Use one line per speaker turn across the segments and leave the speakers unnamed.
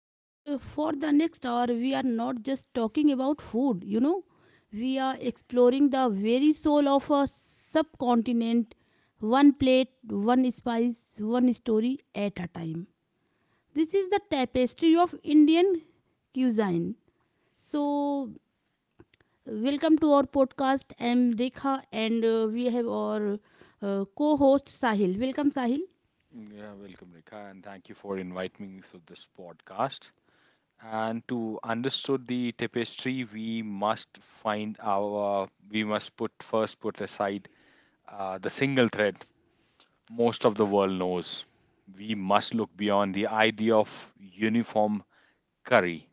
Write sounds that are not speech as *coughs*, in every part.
And For the next hour, we are not just talking about food, we are exploring the very soul of a subcontinent, one plate, one spice, one story at a time. This is the tapestry of Indian cuisine. So, welcome to our podcast. I'm Rekha, and we have our co host Sahil. Welcome, Sahil.
Yeah, welcome, Rika, and thank you for inviting me for this podcast. And to understood the tapestry, we must we must put first put aside the single thread most of the world knows. We must look beyond the idea of uniform curry,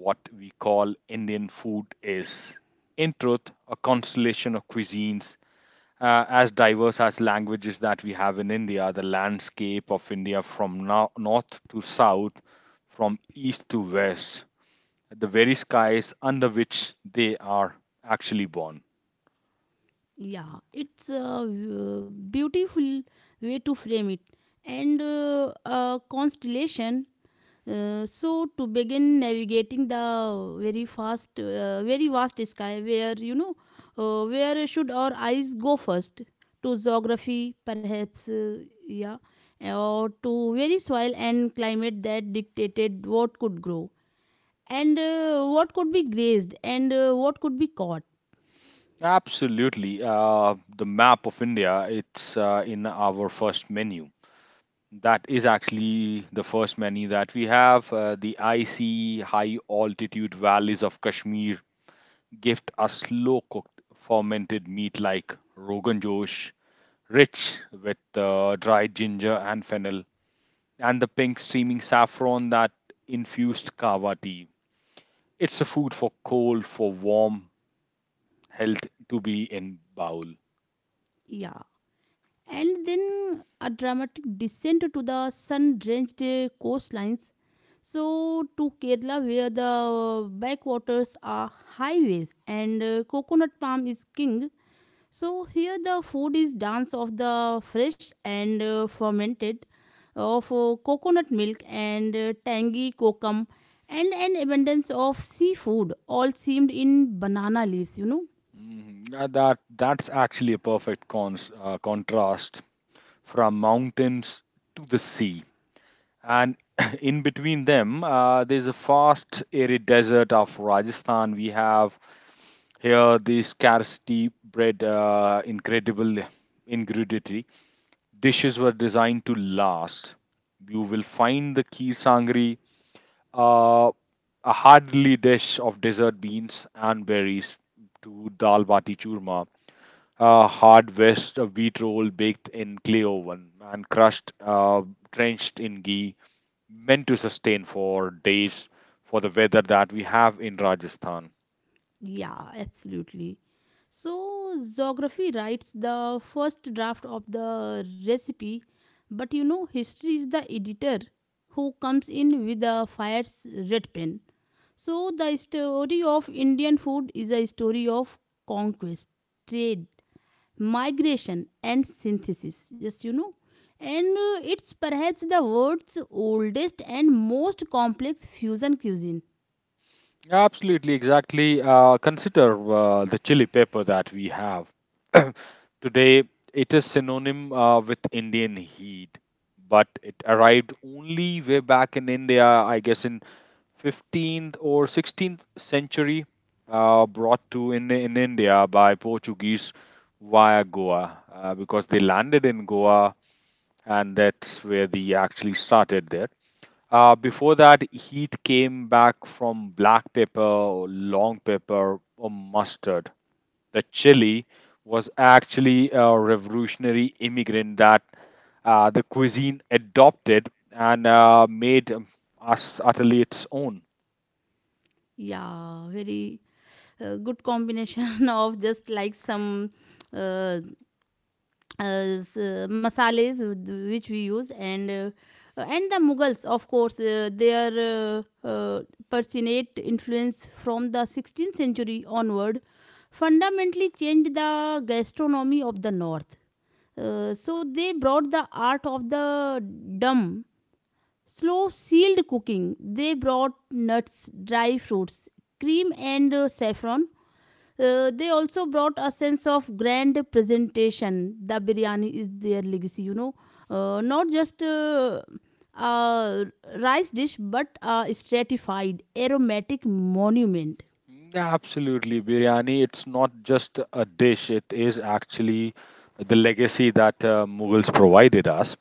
what we call Indian food is. In truth, a constellation of cuisines as diverse as languages that we have in India, the landscape of India from north to south, from east to west, the very skies under which they are actually born.
Yeah, it's a beautiful way to frame it and a constellation. So to begin navigating the very fast, very vast sky, where should our eyes go first? To geography, perhaps, yeah, or to very soil and climate that dictated what could grow and what could be grazed and what could be caught.
Absolutely. The map of India, it's in our first menu. That is actually the first menu that we have. The icy high altitude valleys of Kashmir gift a slow cooked fermented meat like Rogan Josh, rich with dried ginger and fennel, and the pink steaming saffron that infused kava tea. It's a food for cold, for warm, health to be in bowl.
Yeah, and then a dramatic descent to the sun drenched coastlines. So, to Kerala, where the backwaters are highways and coconut palm is king. So, here the food is dance of the fresh and fermented of coconut milk and tangy kokum and an abundance of seafood all seamed in banana leaves.
Mhm. That's actually a perfect contrast from mountains to the sea, and *clears throat* in between them, there's a vast arid desert of Rajasthan. We have Here, the scarcity bred incredible ingredient. Dishes were designed to last. You will find the kheer sangri, uh, a hardly dish of desert beans and berries, to dal bati churma, a hard west of wheat roll baked in clay oven and crushed, drenched in ghee, meant to sustain for days for the weather that we have in Rajasthan.
Yeah, absolutely. So, geography writes the first draft of the recipe, but history is the editor who comes in with a fire's red pen. So, the story of Indian food is a story of conquest, trade, migration, and synthesis. And It's perhaps the world's oldest and most complex fusion cuisine.
Absolutely, exactly. Consider the chili pepper that we have. *clears throat* Today, it is synonym with Indian heat, but it arrived only way back in India, I guess in 15th or 16th century, brought to in India by Portuguese via Goa, because they landed in Goa and that's where they actually started there. Before that, heat came back from black pepper, long pepper, or mustard. The chili was actually a revolutionary immigrant that the cuisine adopted and made us utterly its own.
Yeah, very good combination *laughs* of just like some uh, masales which we use and and the Mughals, of course, their pertinent influence from the 16th century onward fundamentally changed the gastronomy of the north. So they brought the art of the dumb slow sealed cooking. They brought nuts, dry fruits, cream, and saffron. They also brought a sense of grand presentation. The biryani is their legacy. Not just a rice dish, but a stratified, aromatic monument.
Absolutely, biryani. It's not just a dish; it is actually the legacy that Mughals provided us.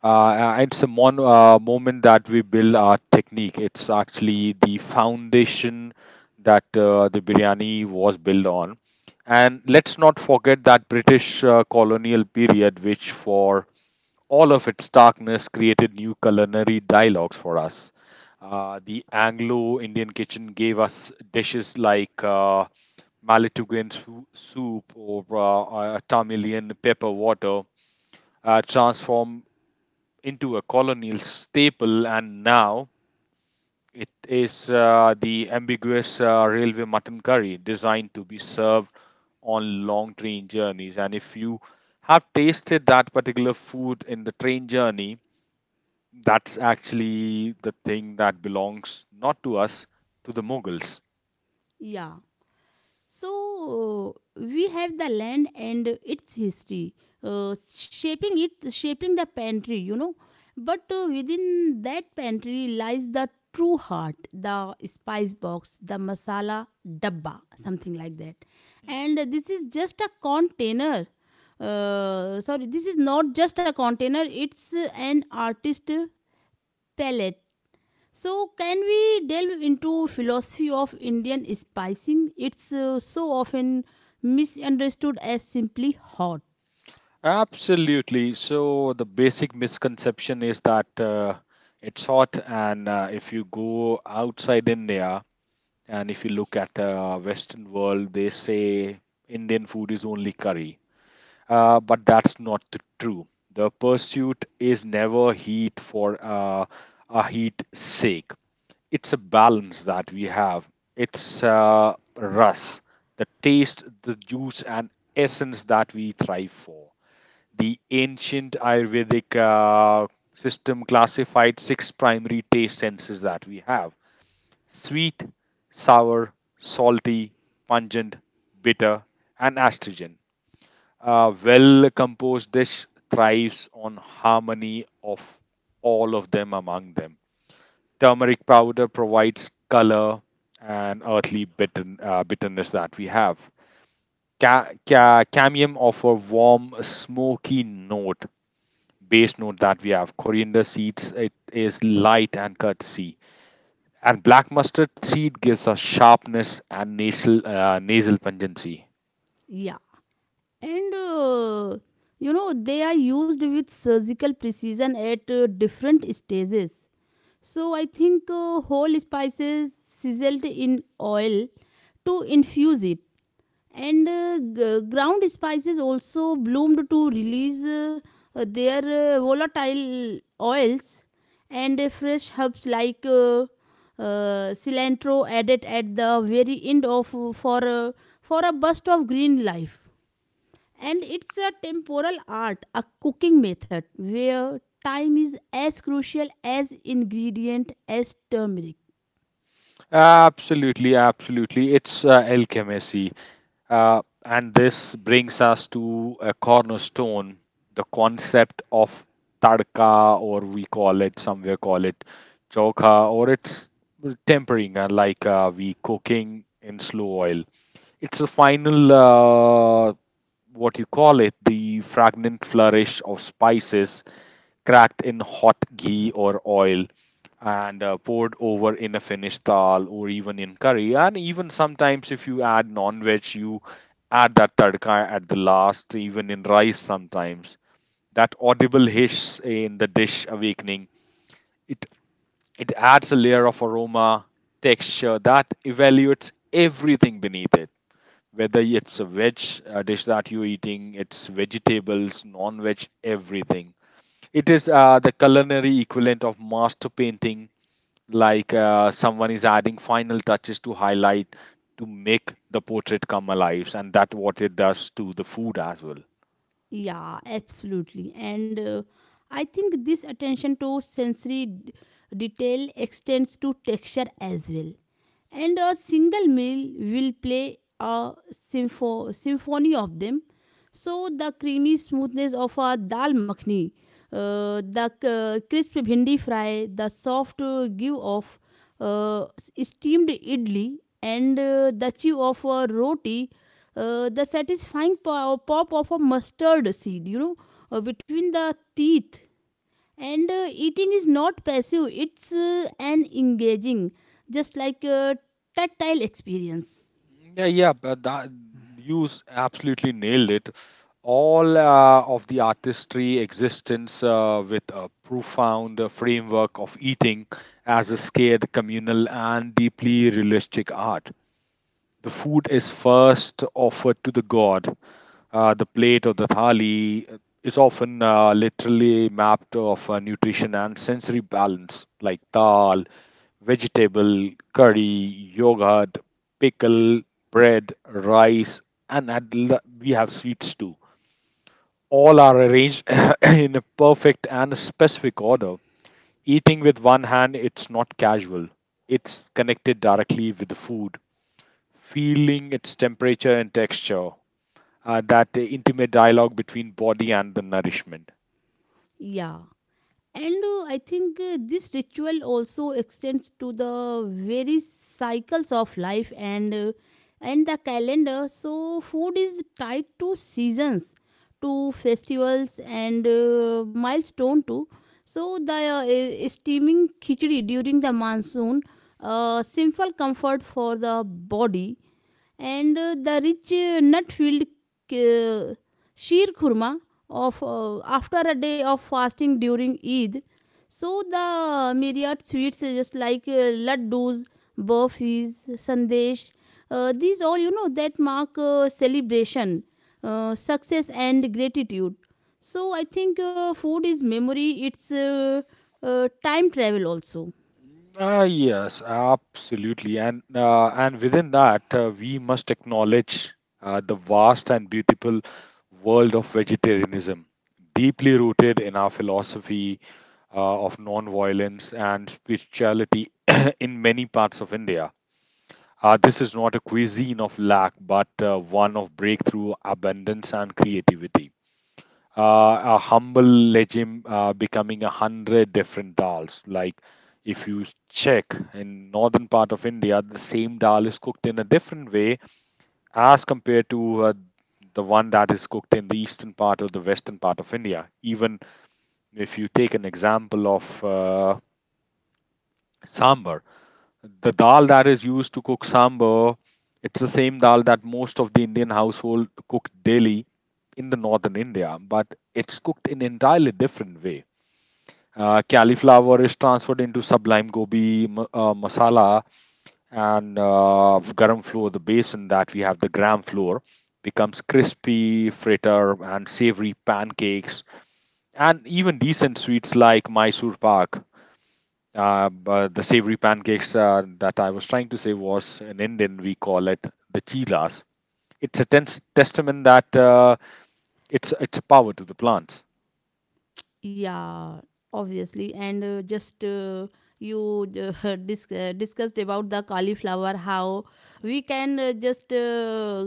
It's a moment that we build our technique. It's actually the foundation that the biryani was built on. And let's not forget that British colonial period, which for all of its darkness created new culinary dialogues for us. The Anglo Indian kitchen gave us dishes like soup or Tamilian pepper water, transform into a colonial staple, and now it is the ambiguous railway mutton curry designed to be served on long train journeys. And if you have tasted that particular food in the train journey, that's actually the thing that belongs not to us, to the Mughals.
Yeah. So we have the land and its history, shaping it, shaping the pantry. But within that pantry lies the true heart, the spice box, the masala dabba, something like that. And this is just a container. Sorry, this is not just a container. It's an artist palette. So, can we delve into philosophy of Indian spicing? It's so often misunderstood as simply hot.
Absolutely. So the basic misconception is that it's hot, and if you go outside India, And if you look at the Western world, they say Indian food is only curry. But that's not the true. The pursuit is never heat for a heat sake. It's a balance that we have. It's rus, the taste, the juice, and essence that we thrive for. The ancient Ayurvedic system classified six primary taste senses that we have sweet, sour, salty, pungent, bitter, and astringent. A well composed dish thrives on harmony of all of them among them. Turmeric powder provides color and earthly bitterness that we have. Cambium offer warm, smoky note, base note that we have. Coriander seeds, it is light and curtsy. And black mustard seed gives us sharpness and nasal pungency.
Yeah, and they are used with surgical precision at different stages. So I think whole spices sizzled in oil to infuse it, and ground spices also bloomed to release their volatile oils and fresh herbs like cilantro added at the very end of for a burst of green life, and it's a temporal art, a cooking method where time is as crucial as ingredient as turmeric.
Absolutely, absolutely. It's alchemy. And this brings us to a cornerstone, the concept of tadka, or we call it, somewhere call it chokha, or it's tempering, like we cooking in slow oil. It's a final what you call it, the fragrant flourish of spices cracked in hot ghee or oil and poured over in a finished dal or even in curry. And even sometimes, if you add non veg, you add that tadka at the last, even in rice sometimes. That audible hiss in the dish awakening, it, it adds a layer of aroma, texture that evaluates everything beneath it whether it's a veg dish that you're eating, it's vegetables, non-veg, everything. It is the culinary equivalent of master painting, like someone is adding final touches to highlight to make the portrait come alive, and that's what it does to the food as well.
Yeah, absolutely. And I think this attention to sensory detail extends to texture as well. And a single meal will play a symphony of them. So the creamy smoothness of a dal makhni, the crisp bhindi fry, the soft give of uh, steamed idli, and the chew of a roti, the satisfying pop of a mustard seed, between the teeth. And Eating is not passive; it's an engaging, just like a tactile experience.
Yeah, yeah, but absolutely nailed it. All of the artistry existence with a profound framework of eating as a scared, communal, and deeply realistic art. The food is first offered to the god. The plate or the thali is often literally mapped of nutrition and sensory balance, like dal, vegetable, curry, yogurt, pickle, bread, rice, and we have sweets too. All are arranged *coughs* *clears throat* in a perfect and specific order. Eating with one hand, it's not casual. It's connected directly with the food feeling its temperature and texture, that intimate dialogue between body and the nourishment.
Yeah. And I think This ritual also extends to the various cycles of life and and the calendar. So food is tied to seasons, to festivals and milestone too. So the steaming khichdi during the monsoon, simple comfort for the body, and the rich nut-filled uh, sheer khurma of after a day of fasting during Eid. So the myriad sweets just like laddus, burfis, sandesh, these all that mark celebration, success and gratitude. So I think food is memory. It's time travel also.
Ah, yes, absolutely. And within that, we must acknowledge the vast and beautiful world of vegetarianism, deeply rooted in our philosophy of non-violence and spirituality *clears throat* in many parts of India. This is not a cuisine of lack, but one of breakthrough, abundance, and creativity. A humble legend becoming a hundred different dals. Like if you check in northern part of India, the same dal is cooked in a different way as compared to the one that is cooked in the eastern part or the western part of India. Even if you take an example of sambar, the dal that is used to cook sambar, it's the same dal that most of the Indian household cook daily in the northern India, but it's cooked in entirely different way cauliflower is transferred into sublime gobi masala and garam flour, the base in that we have the gram flour, becomes crispy, fritter, and savory pancakes, and even decent sweets like Mysore pak. But the savory pancakes that I was trying to say was in Indian, we call it the chilas. It's a tense testament that it's a power to the plants.
Yeah, obviously. And just you *laughs* Discussed about the cauliflower, how we can just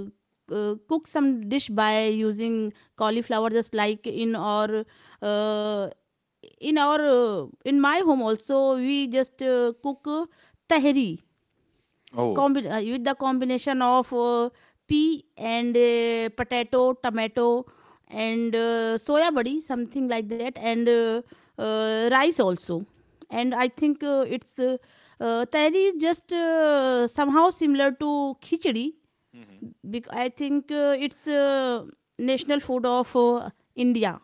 cook some dish by using cauliflower, just like in our. Uh, in my home also we just cook tahri,
Oh.
with the combination of pea and potato, tomato, and soya body, something like that, and rice also. And I think it's Tehri is just somehow similar to khichdi. Bec- I think it's national food of India.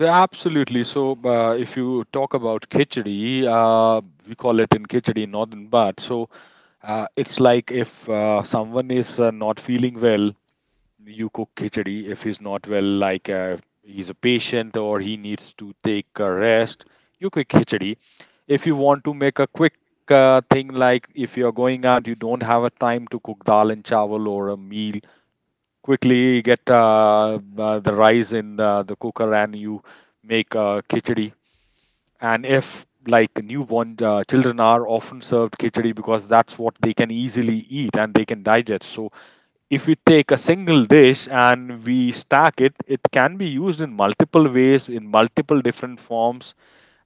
Absolutely. So, if you talk about khichdi, we call it in khichdi northern Bhat. So, it's like if someone is not feeling well, you cook khichdi. If he's not well, like he's a patient or he needs to take a rest, you cook khichdi. If you want to make a quick thing, like if you're going out, you don't have a time to cook dal and chawal or a meal, quickly get the rice in the cooker and you make khichdi. And if like newborn children are often served khichdi, because that's what they can easily eat and they can digest. So if we take a single dish and we stack it, it can be used in multiple ways in multiple different forms,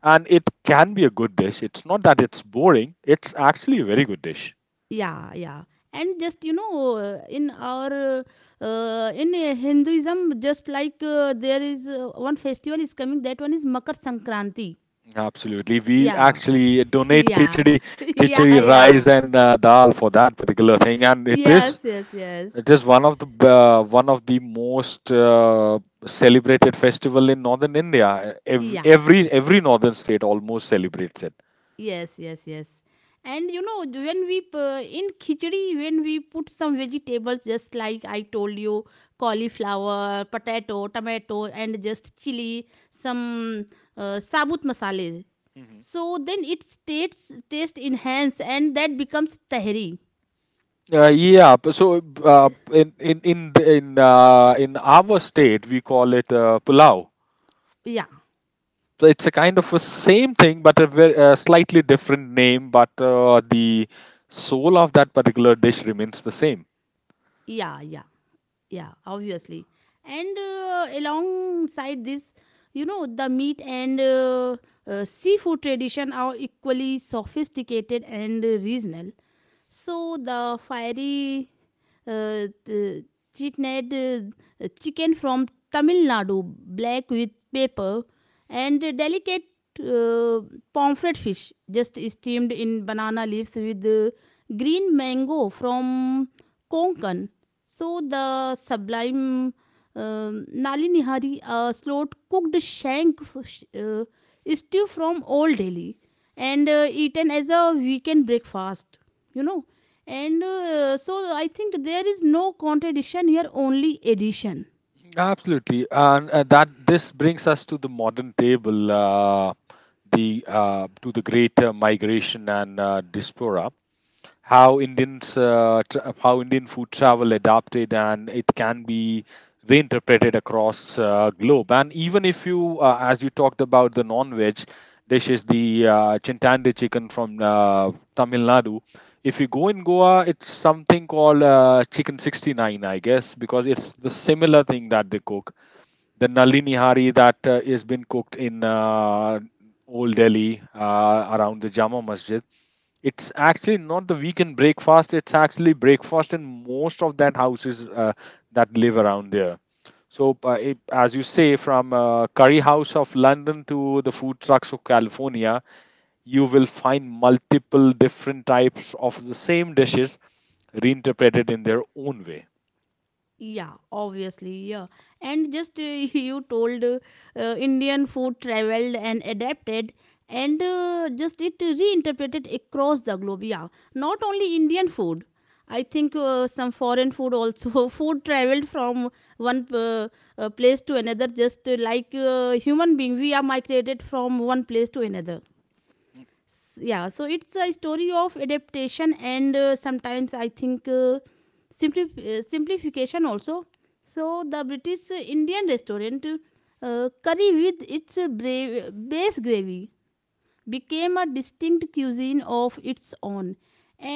and it can be a good dish. It's not that it's boring; it's actually a very good dish.
Yeah, yeah. And just you know in our in hinduism, just like there is one festival is coming, that one is makar sankranti.
Absolutely. We
Yeah.
actually
*laughs*
donate
Yeah.
khichdi,
*laughs* Yeah,
khichdi rice
yeah.
and dal for that particular thing and
Yes, yes, yes.
it is one of the most celebrated festival in northern India. Every
Yeah.
every, every northern state almost celebrates it.
Yes, yes, yes. And you know, when in khichdi when we put some vegetables just like I told you, cauliflower, potato, tomato, and just chili, some sabut masale.
Mhm.
So then it states taste enhance and that becomes tahri.
Yeah, so in the- in our state we call it pulao.
Yeah,
It's a kind of a same thing but a very, slightly different name, but the soul of that particular dish remains the same.
yeah, yeah, yeah, obviously. And Alongside this, you know, the meat and seafood tradition are equally sophisticated and regional. So the fiery the chitned chicken from Tamil Nadu, black with pepper, and delicate uh, pomfret fish, just steamed in banana leaves with green mango from Konkan. So the sublime Nali Nihari, a slow cooked shank stew from Old Delhi, and eaten as a weekend breakfast. You know, and so I think there is no contradiction here, only addition.
Absolutely. And uh, that this brings us to the modern table, the to the great migration and diaspora, how how Indian food travel adapted and it can be reinterpreted across globe. And even if you as you talked about the non-veg dishes, the chintande chicken from Tamil Nadu, if you go in Goa it's something called chicken 69 I guess, because it's the similar thing that they cook. The Nalini Hari that is been cooked in Old Delhi around the Jama Masjid, it's actually not the weekend breakfast. It's actually breakfast in most of that houses that live around there. So, as you say, from curry house of London to the food trucks of California, you will find multiple different types of the same dishes reinterpreted in their own way.
Yeah, obviously, yeah. And just *laughs* You told Indian food traveled and adapted, and just it reinterpreted across the globe. Yeah, not only Indian food. I think some foreign food also *laughs* food traveled from one place to another, just like human being. We are migrated from one place to another. So it's a story of adaptation and sometimes simplification also. So the british indian restaurant curry with its base gravy became a distinct cuisine of its own,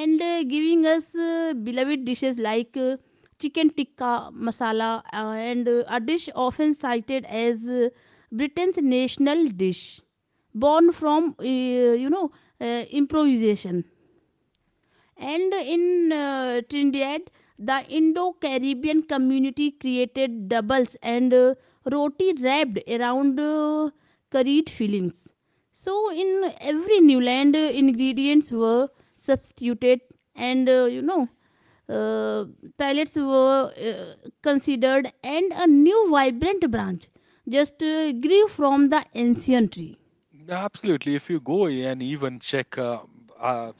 and giving us beloved dishes like chicken tikka masala, and a dish often cited as britain's national dish, born from you know improvisation. And in Trinidad, the Indo Caribbean community created doubles and roti wrapped around curried fillings. So, in every new land, ingredients were substituted, and uh, pellets were considered, and a new vibrant branch just grew from the ancient tree.
Absolutely. If you go and even check uh,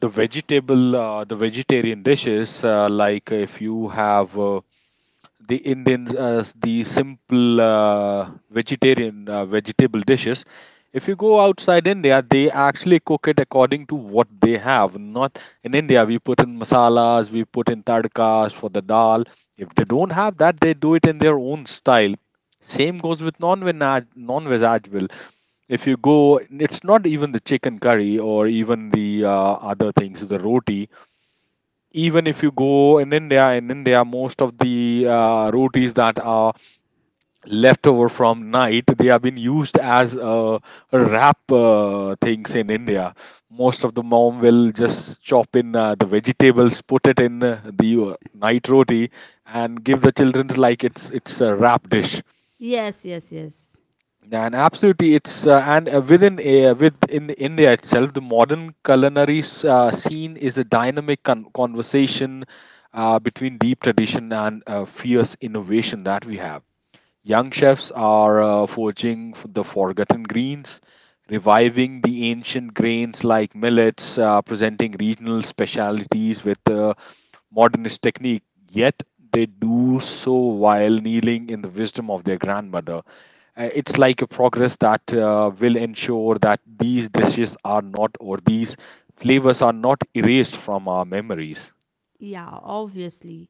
the vegetable, the vegetarian dishes, like if you have the Indian as the simple vegetarian vegetable dishes. If you go outside India, they actually cook it according to what they have. Not in India, we put in masalas, we put in tadkas for the dal. If they don't have that, they do it in their own style. Same goes with non-veg, non-veg as well. If you go, it's not even the chicken curry or even the other things, the roti even if you go in India. In India, most of the rotis that are left over from night they have been used as wrap things in India. Most of the mom will just chop in the vegetables, put it in the night roti and give the children, like, it's a wrap dish.
Yes, yes, yes.
And absolutely, it's and within within India itself, the modern culinary scene is a dynamic conversation between deep tradition and fierce innovation that we have. Young chefs are forging the forgotten greens, reviving the ancient grains like millets, presenting regional specialities with modernist technique. Yet they do so while kneeling in the wisdom of their grandmother. It's like a progress that will ensure that these dishes are not, or these flavors are not erased from our memories.
Yeah, obviously.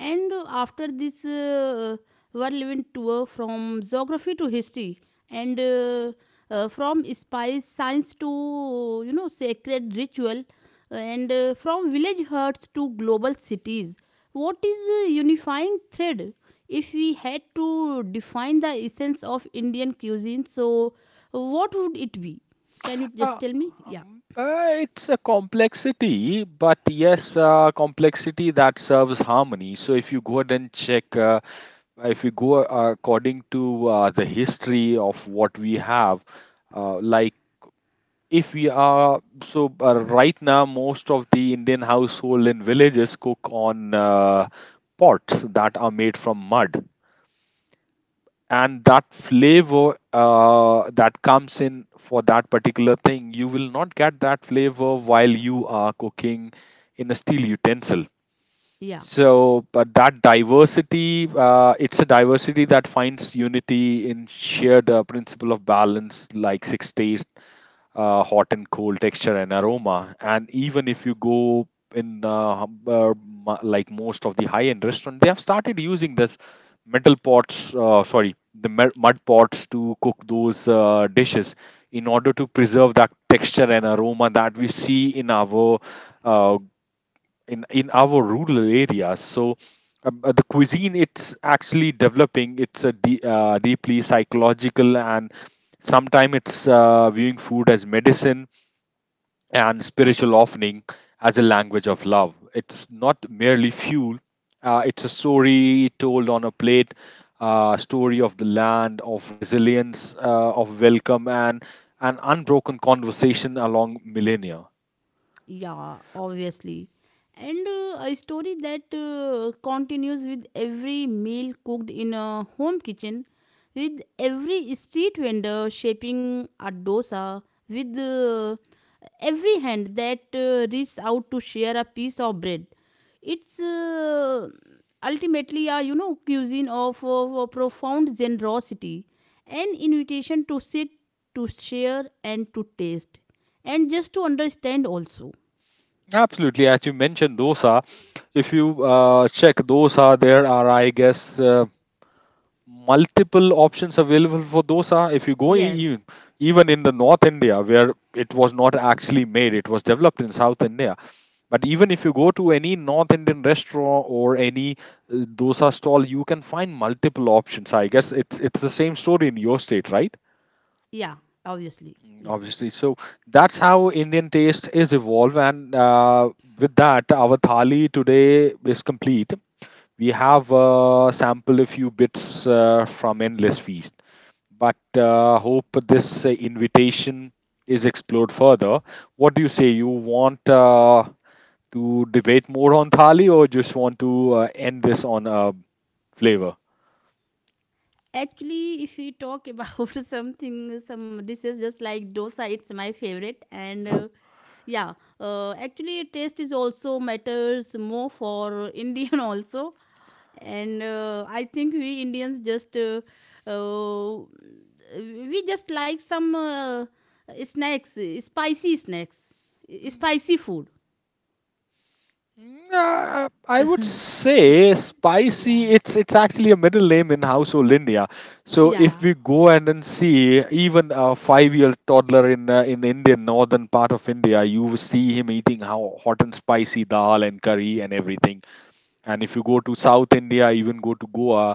And after this whirlwind tour from geography to history and from spice science to sacred ritual, and from village huts to global cities, what is the unifying thread? If we had to define the essence of indian cuisine, so what would it be? Can you just
uh,
tell me? Yeah.
it's a complexity, but yes, complexity that serves harmony. So if you go ahead and check, if you go according to the history of what we have, like if we are, so right now, most of the Indian household in villages cook on pots that are made from mud, and that flavor that comes in for that particular thing, you will not get that flavor while you are cooking in a steel utensil.
Yeah.
So, but that diversity, it's a diversity that finds unity in shared principle of balance, like six hot and cold, texture and aroma. And even if you go in like most of the high end restaurant, they have started using this metal pots, sorry, the mud pots to cook those dishes in order to preserve that texture and aroma that we see in our uh, in our rural areas. So the cuisine, it's actually developing. It's a deeply psychological, and sometimes it's viewing food as medicine and spiritual offering, as a language of love. It's not merely fuel, it's a story told on a plate, story of the land, of resilience, of welcome, and an unbroken conversation along millennia.
Yeah, obviously. And A story that continues with every meal cooked in a home kitchen, with every street vendor shaping a dosa, with every hand that reaches out to share a piece of bread. It's ultimately a cuisine of a profound generosity, an invitation to sit, to share, and to taste and just to understand also.
Absolutely, as you mentioned, dosa. If you check dosa, there are, I guess, multiple options available for dosa. If you go
Yes.
even in the North India, where it was not actually made, it was developed in South India. But even if you go to any North Indian restaurant or any dosa stall, you can find multiple options. I guess it's the same story in your state, right?
Yeah. Obviously.
Mm.
Yeah.
Obviously, so that's how Indian taste is evolved, and with that, our thali today is complete. We have sampled a few bits from Endless Feast, but hope this invitation is explored further. What do you say? You want to debate more on thali, or just want to end this on a flavor?
Actually, if we talk about *laughs* something, some dishes just like dosa, it's my favorite, and yeah, actually taste is also matters more for indian *laughs* also. And uh, i think we indians just uh, we just like some snacks, spicy snacks, spicy food.
Mm. I would say spicy.
Yeah,
It's actually a middle name in household India. So if
yeah.
we go and then see even a 5-year toddler in the Indian northern part of India, you will see him eating how hot and spicy dal and curry and everything. And if you go to South India, even go to Goa,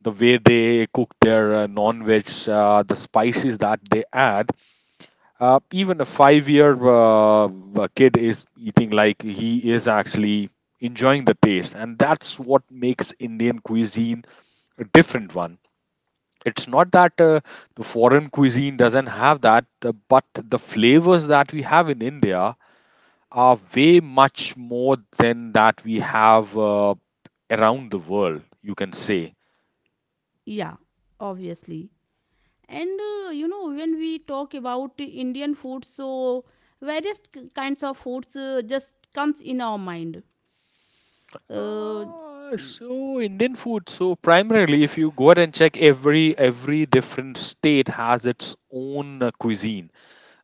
the way they cook their non-veg, the spices that they add, even a 5 year kid is eating like he is actually enjoying the taste. And that's what makes Indian cuisine a different one. It's not that the foreign cuisine doesn't have that, but the flavors that we have in India are way much more than that we have around the world, you can say.
Yeah, obviously. And You know, when we talk about Indian food, so various kinds of foods just comes in our mind. Uh, y-
So Indian food, so primarily if you go out and check, every different state has its own cuisine.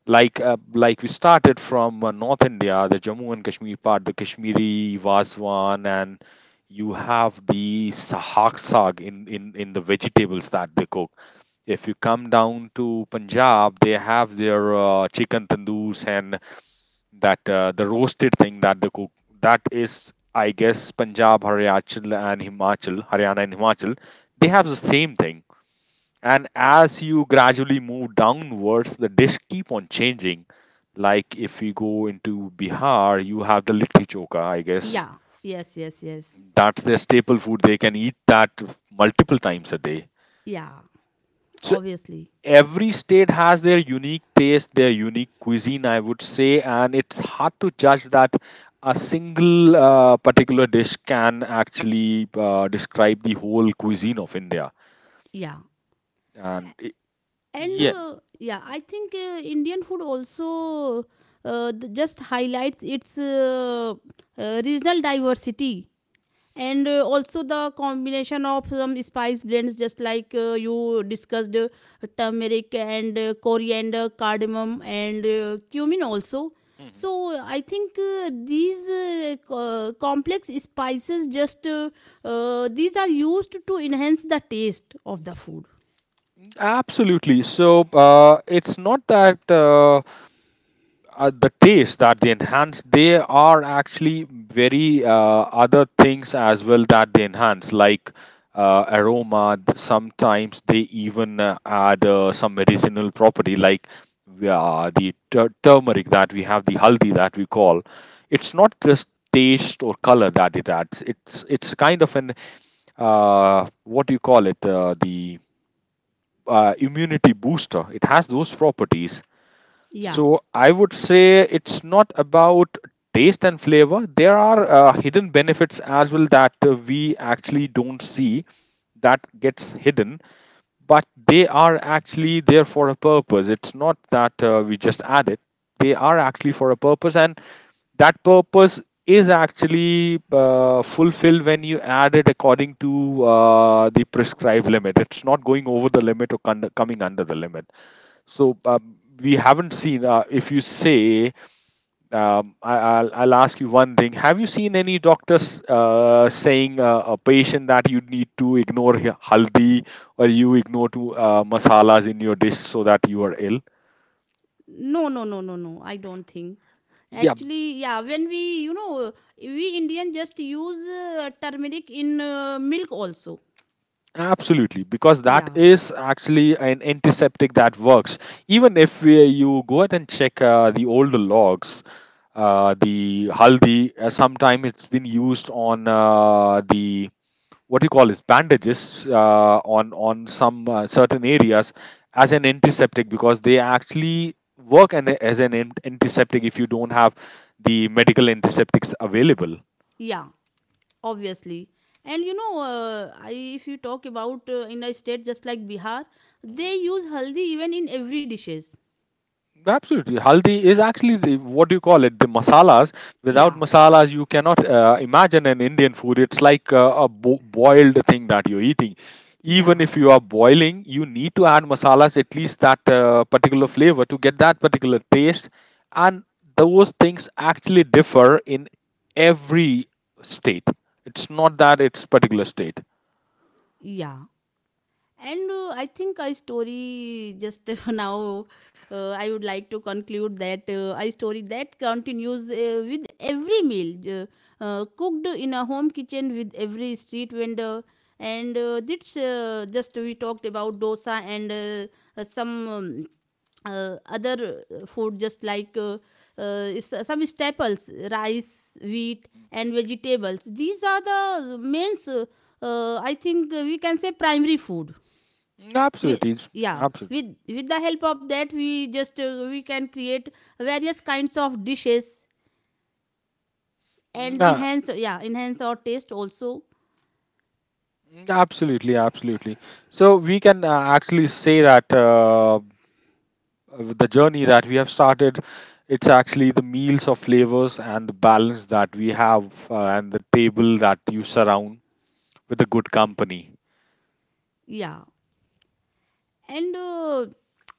Like we started from North India, the Jammu and Kashmir part, the Kashmiri Vaswan, and you have the sahak saag in, in the vegetables that they cook. If you come down to Punjab, they have their chicken tandoors and that the roasted thing that they cook. That is, I guess, Punjab, haryachal and himachal, Haryana and Himachal, they have the same thing. And as you gradually move downwards, the dish keep on changing. Like if we go into Bihar, you have the litti choka, I guess.
yeah, yes, yes, yes.
That's their staple food, they can eat that multiple times a day.
Yeah,
So
obviously.
every state has their unique taste, their unique cuisine, I would say, and it's hard to judge that a single particular dish can actually describe the whole cuisine of India.
Yeah.
And I
And
yeah,
yeah, I think Indian food also just highlights its regional diversity and also the combination of some spice blends, just like you discussed, turmeric and coriander, cardamom, and cumin also.
hmm,
So i think uh, these uh, co- complex spices just these are used to enhance the taste of the food.
absolutely. So it's not that. The taste that they enhance, they are actually very other things as well that they enhance, like aroma, sometimes they even add some medicinal property, like the turmeric that we have, the haldi that we call, it's not just taste or color that it adds, it's kind of an what do you call it, the immunity booster, it has those properties.
Yeah.
So I would say it's not about taste and flavor. There are hidden benefits as well that we actually don't see, that gets hidden, but they are actually there for a purpose. It's not that we just add it. They are actually for a purpose, and that purpose is actually fulfilled when you add it according to the prescribed limit. It's not going over the limit or coming under the limit. So we haven't seen. If you say, I'll ask you one thing. Have you seen any doctors saying a patient that you need to ignore haldi, or you ignore to masalas in your dish so that you are ill?
No, no, no, no, no, I don't think.
Yeah,
Actually, yeah, when we you know we indian just use turmeric in milk also.
absolutely. Because that
Yeah.
is actually an antiseptic that works. Even if you go ahead and check the older logs, the haldi sometime it's been used on the what you call is bandages on some certain areas as an antiseptic, because they actually work as an antiseptic, if you don't have the medical antiseptics available.
Yeah, obviously. And you know, if you talk about in a state just like Bihar, they use haldi even in every dishes.
Absolutely. Haldi is actually the, what do you call it? The masalas. Without
Yeah,
masalas, you cannot imagine an Indian food. It's like a boiled thing that you're eating. Even
yeah,
if you are boiling, you need to add masalas, at least that particular flavor, to get that particular taste. And those things actually differ in every state. It's not that it's particular state.
yeah. And I think I story just *laughs* now, I would like to conclude that I story that continues with every meal cooked in a home kitchen with every street vendor. And that's just We talked about dosa and some other food just like uh, some staples rice, wheat and vegetables. These are the main I think we can say primary food. we,
Absolutely.
yeah,
Absolutely.
with the help of that, we just we can create various kinds of dishes and enhance, yeah, enhance our taste also.
Mm, absolutely, absolutely. So we can actually say that the journey that we have started, it's actually the meals of flavors and the balance that we have, and the table that you surround with a good company.
Yeah. and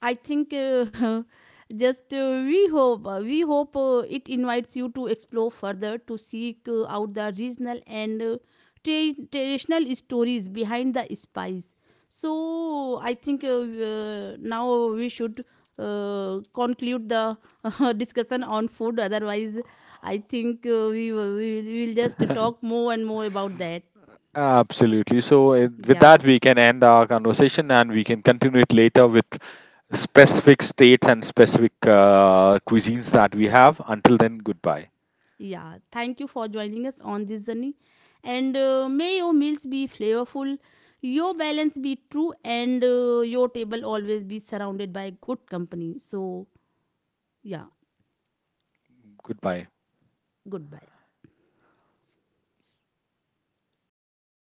I think *laughs* just we hope We hope it invites you to explore further to seek out the regional and traditional stories behind the spice. So i think uh, uh, now we should conclude the *laughs* discussion on food, otherwise I think we, will- we will, we will just talk more and more about that.
Absolutely. So with
Yeah.
that, we can end our conversation and we can continue it later with specific states and specific cuisines that we have. Until then, goodbye.
Yeah, thank you for joining us on this journey. And May your meals be flavorful, your balance be true, and your table always be surrounded by good company. So, yeah,
Goodbye.
goodbye.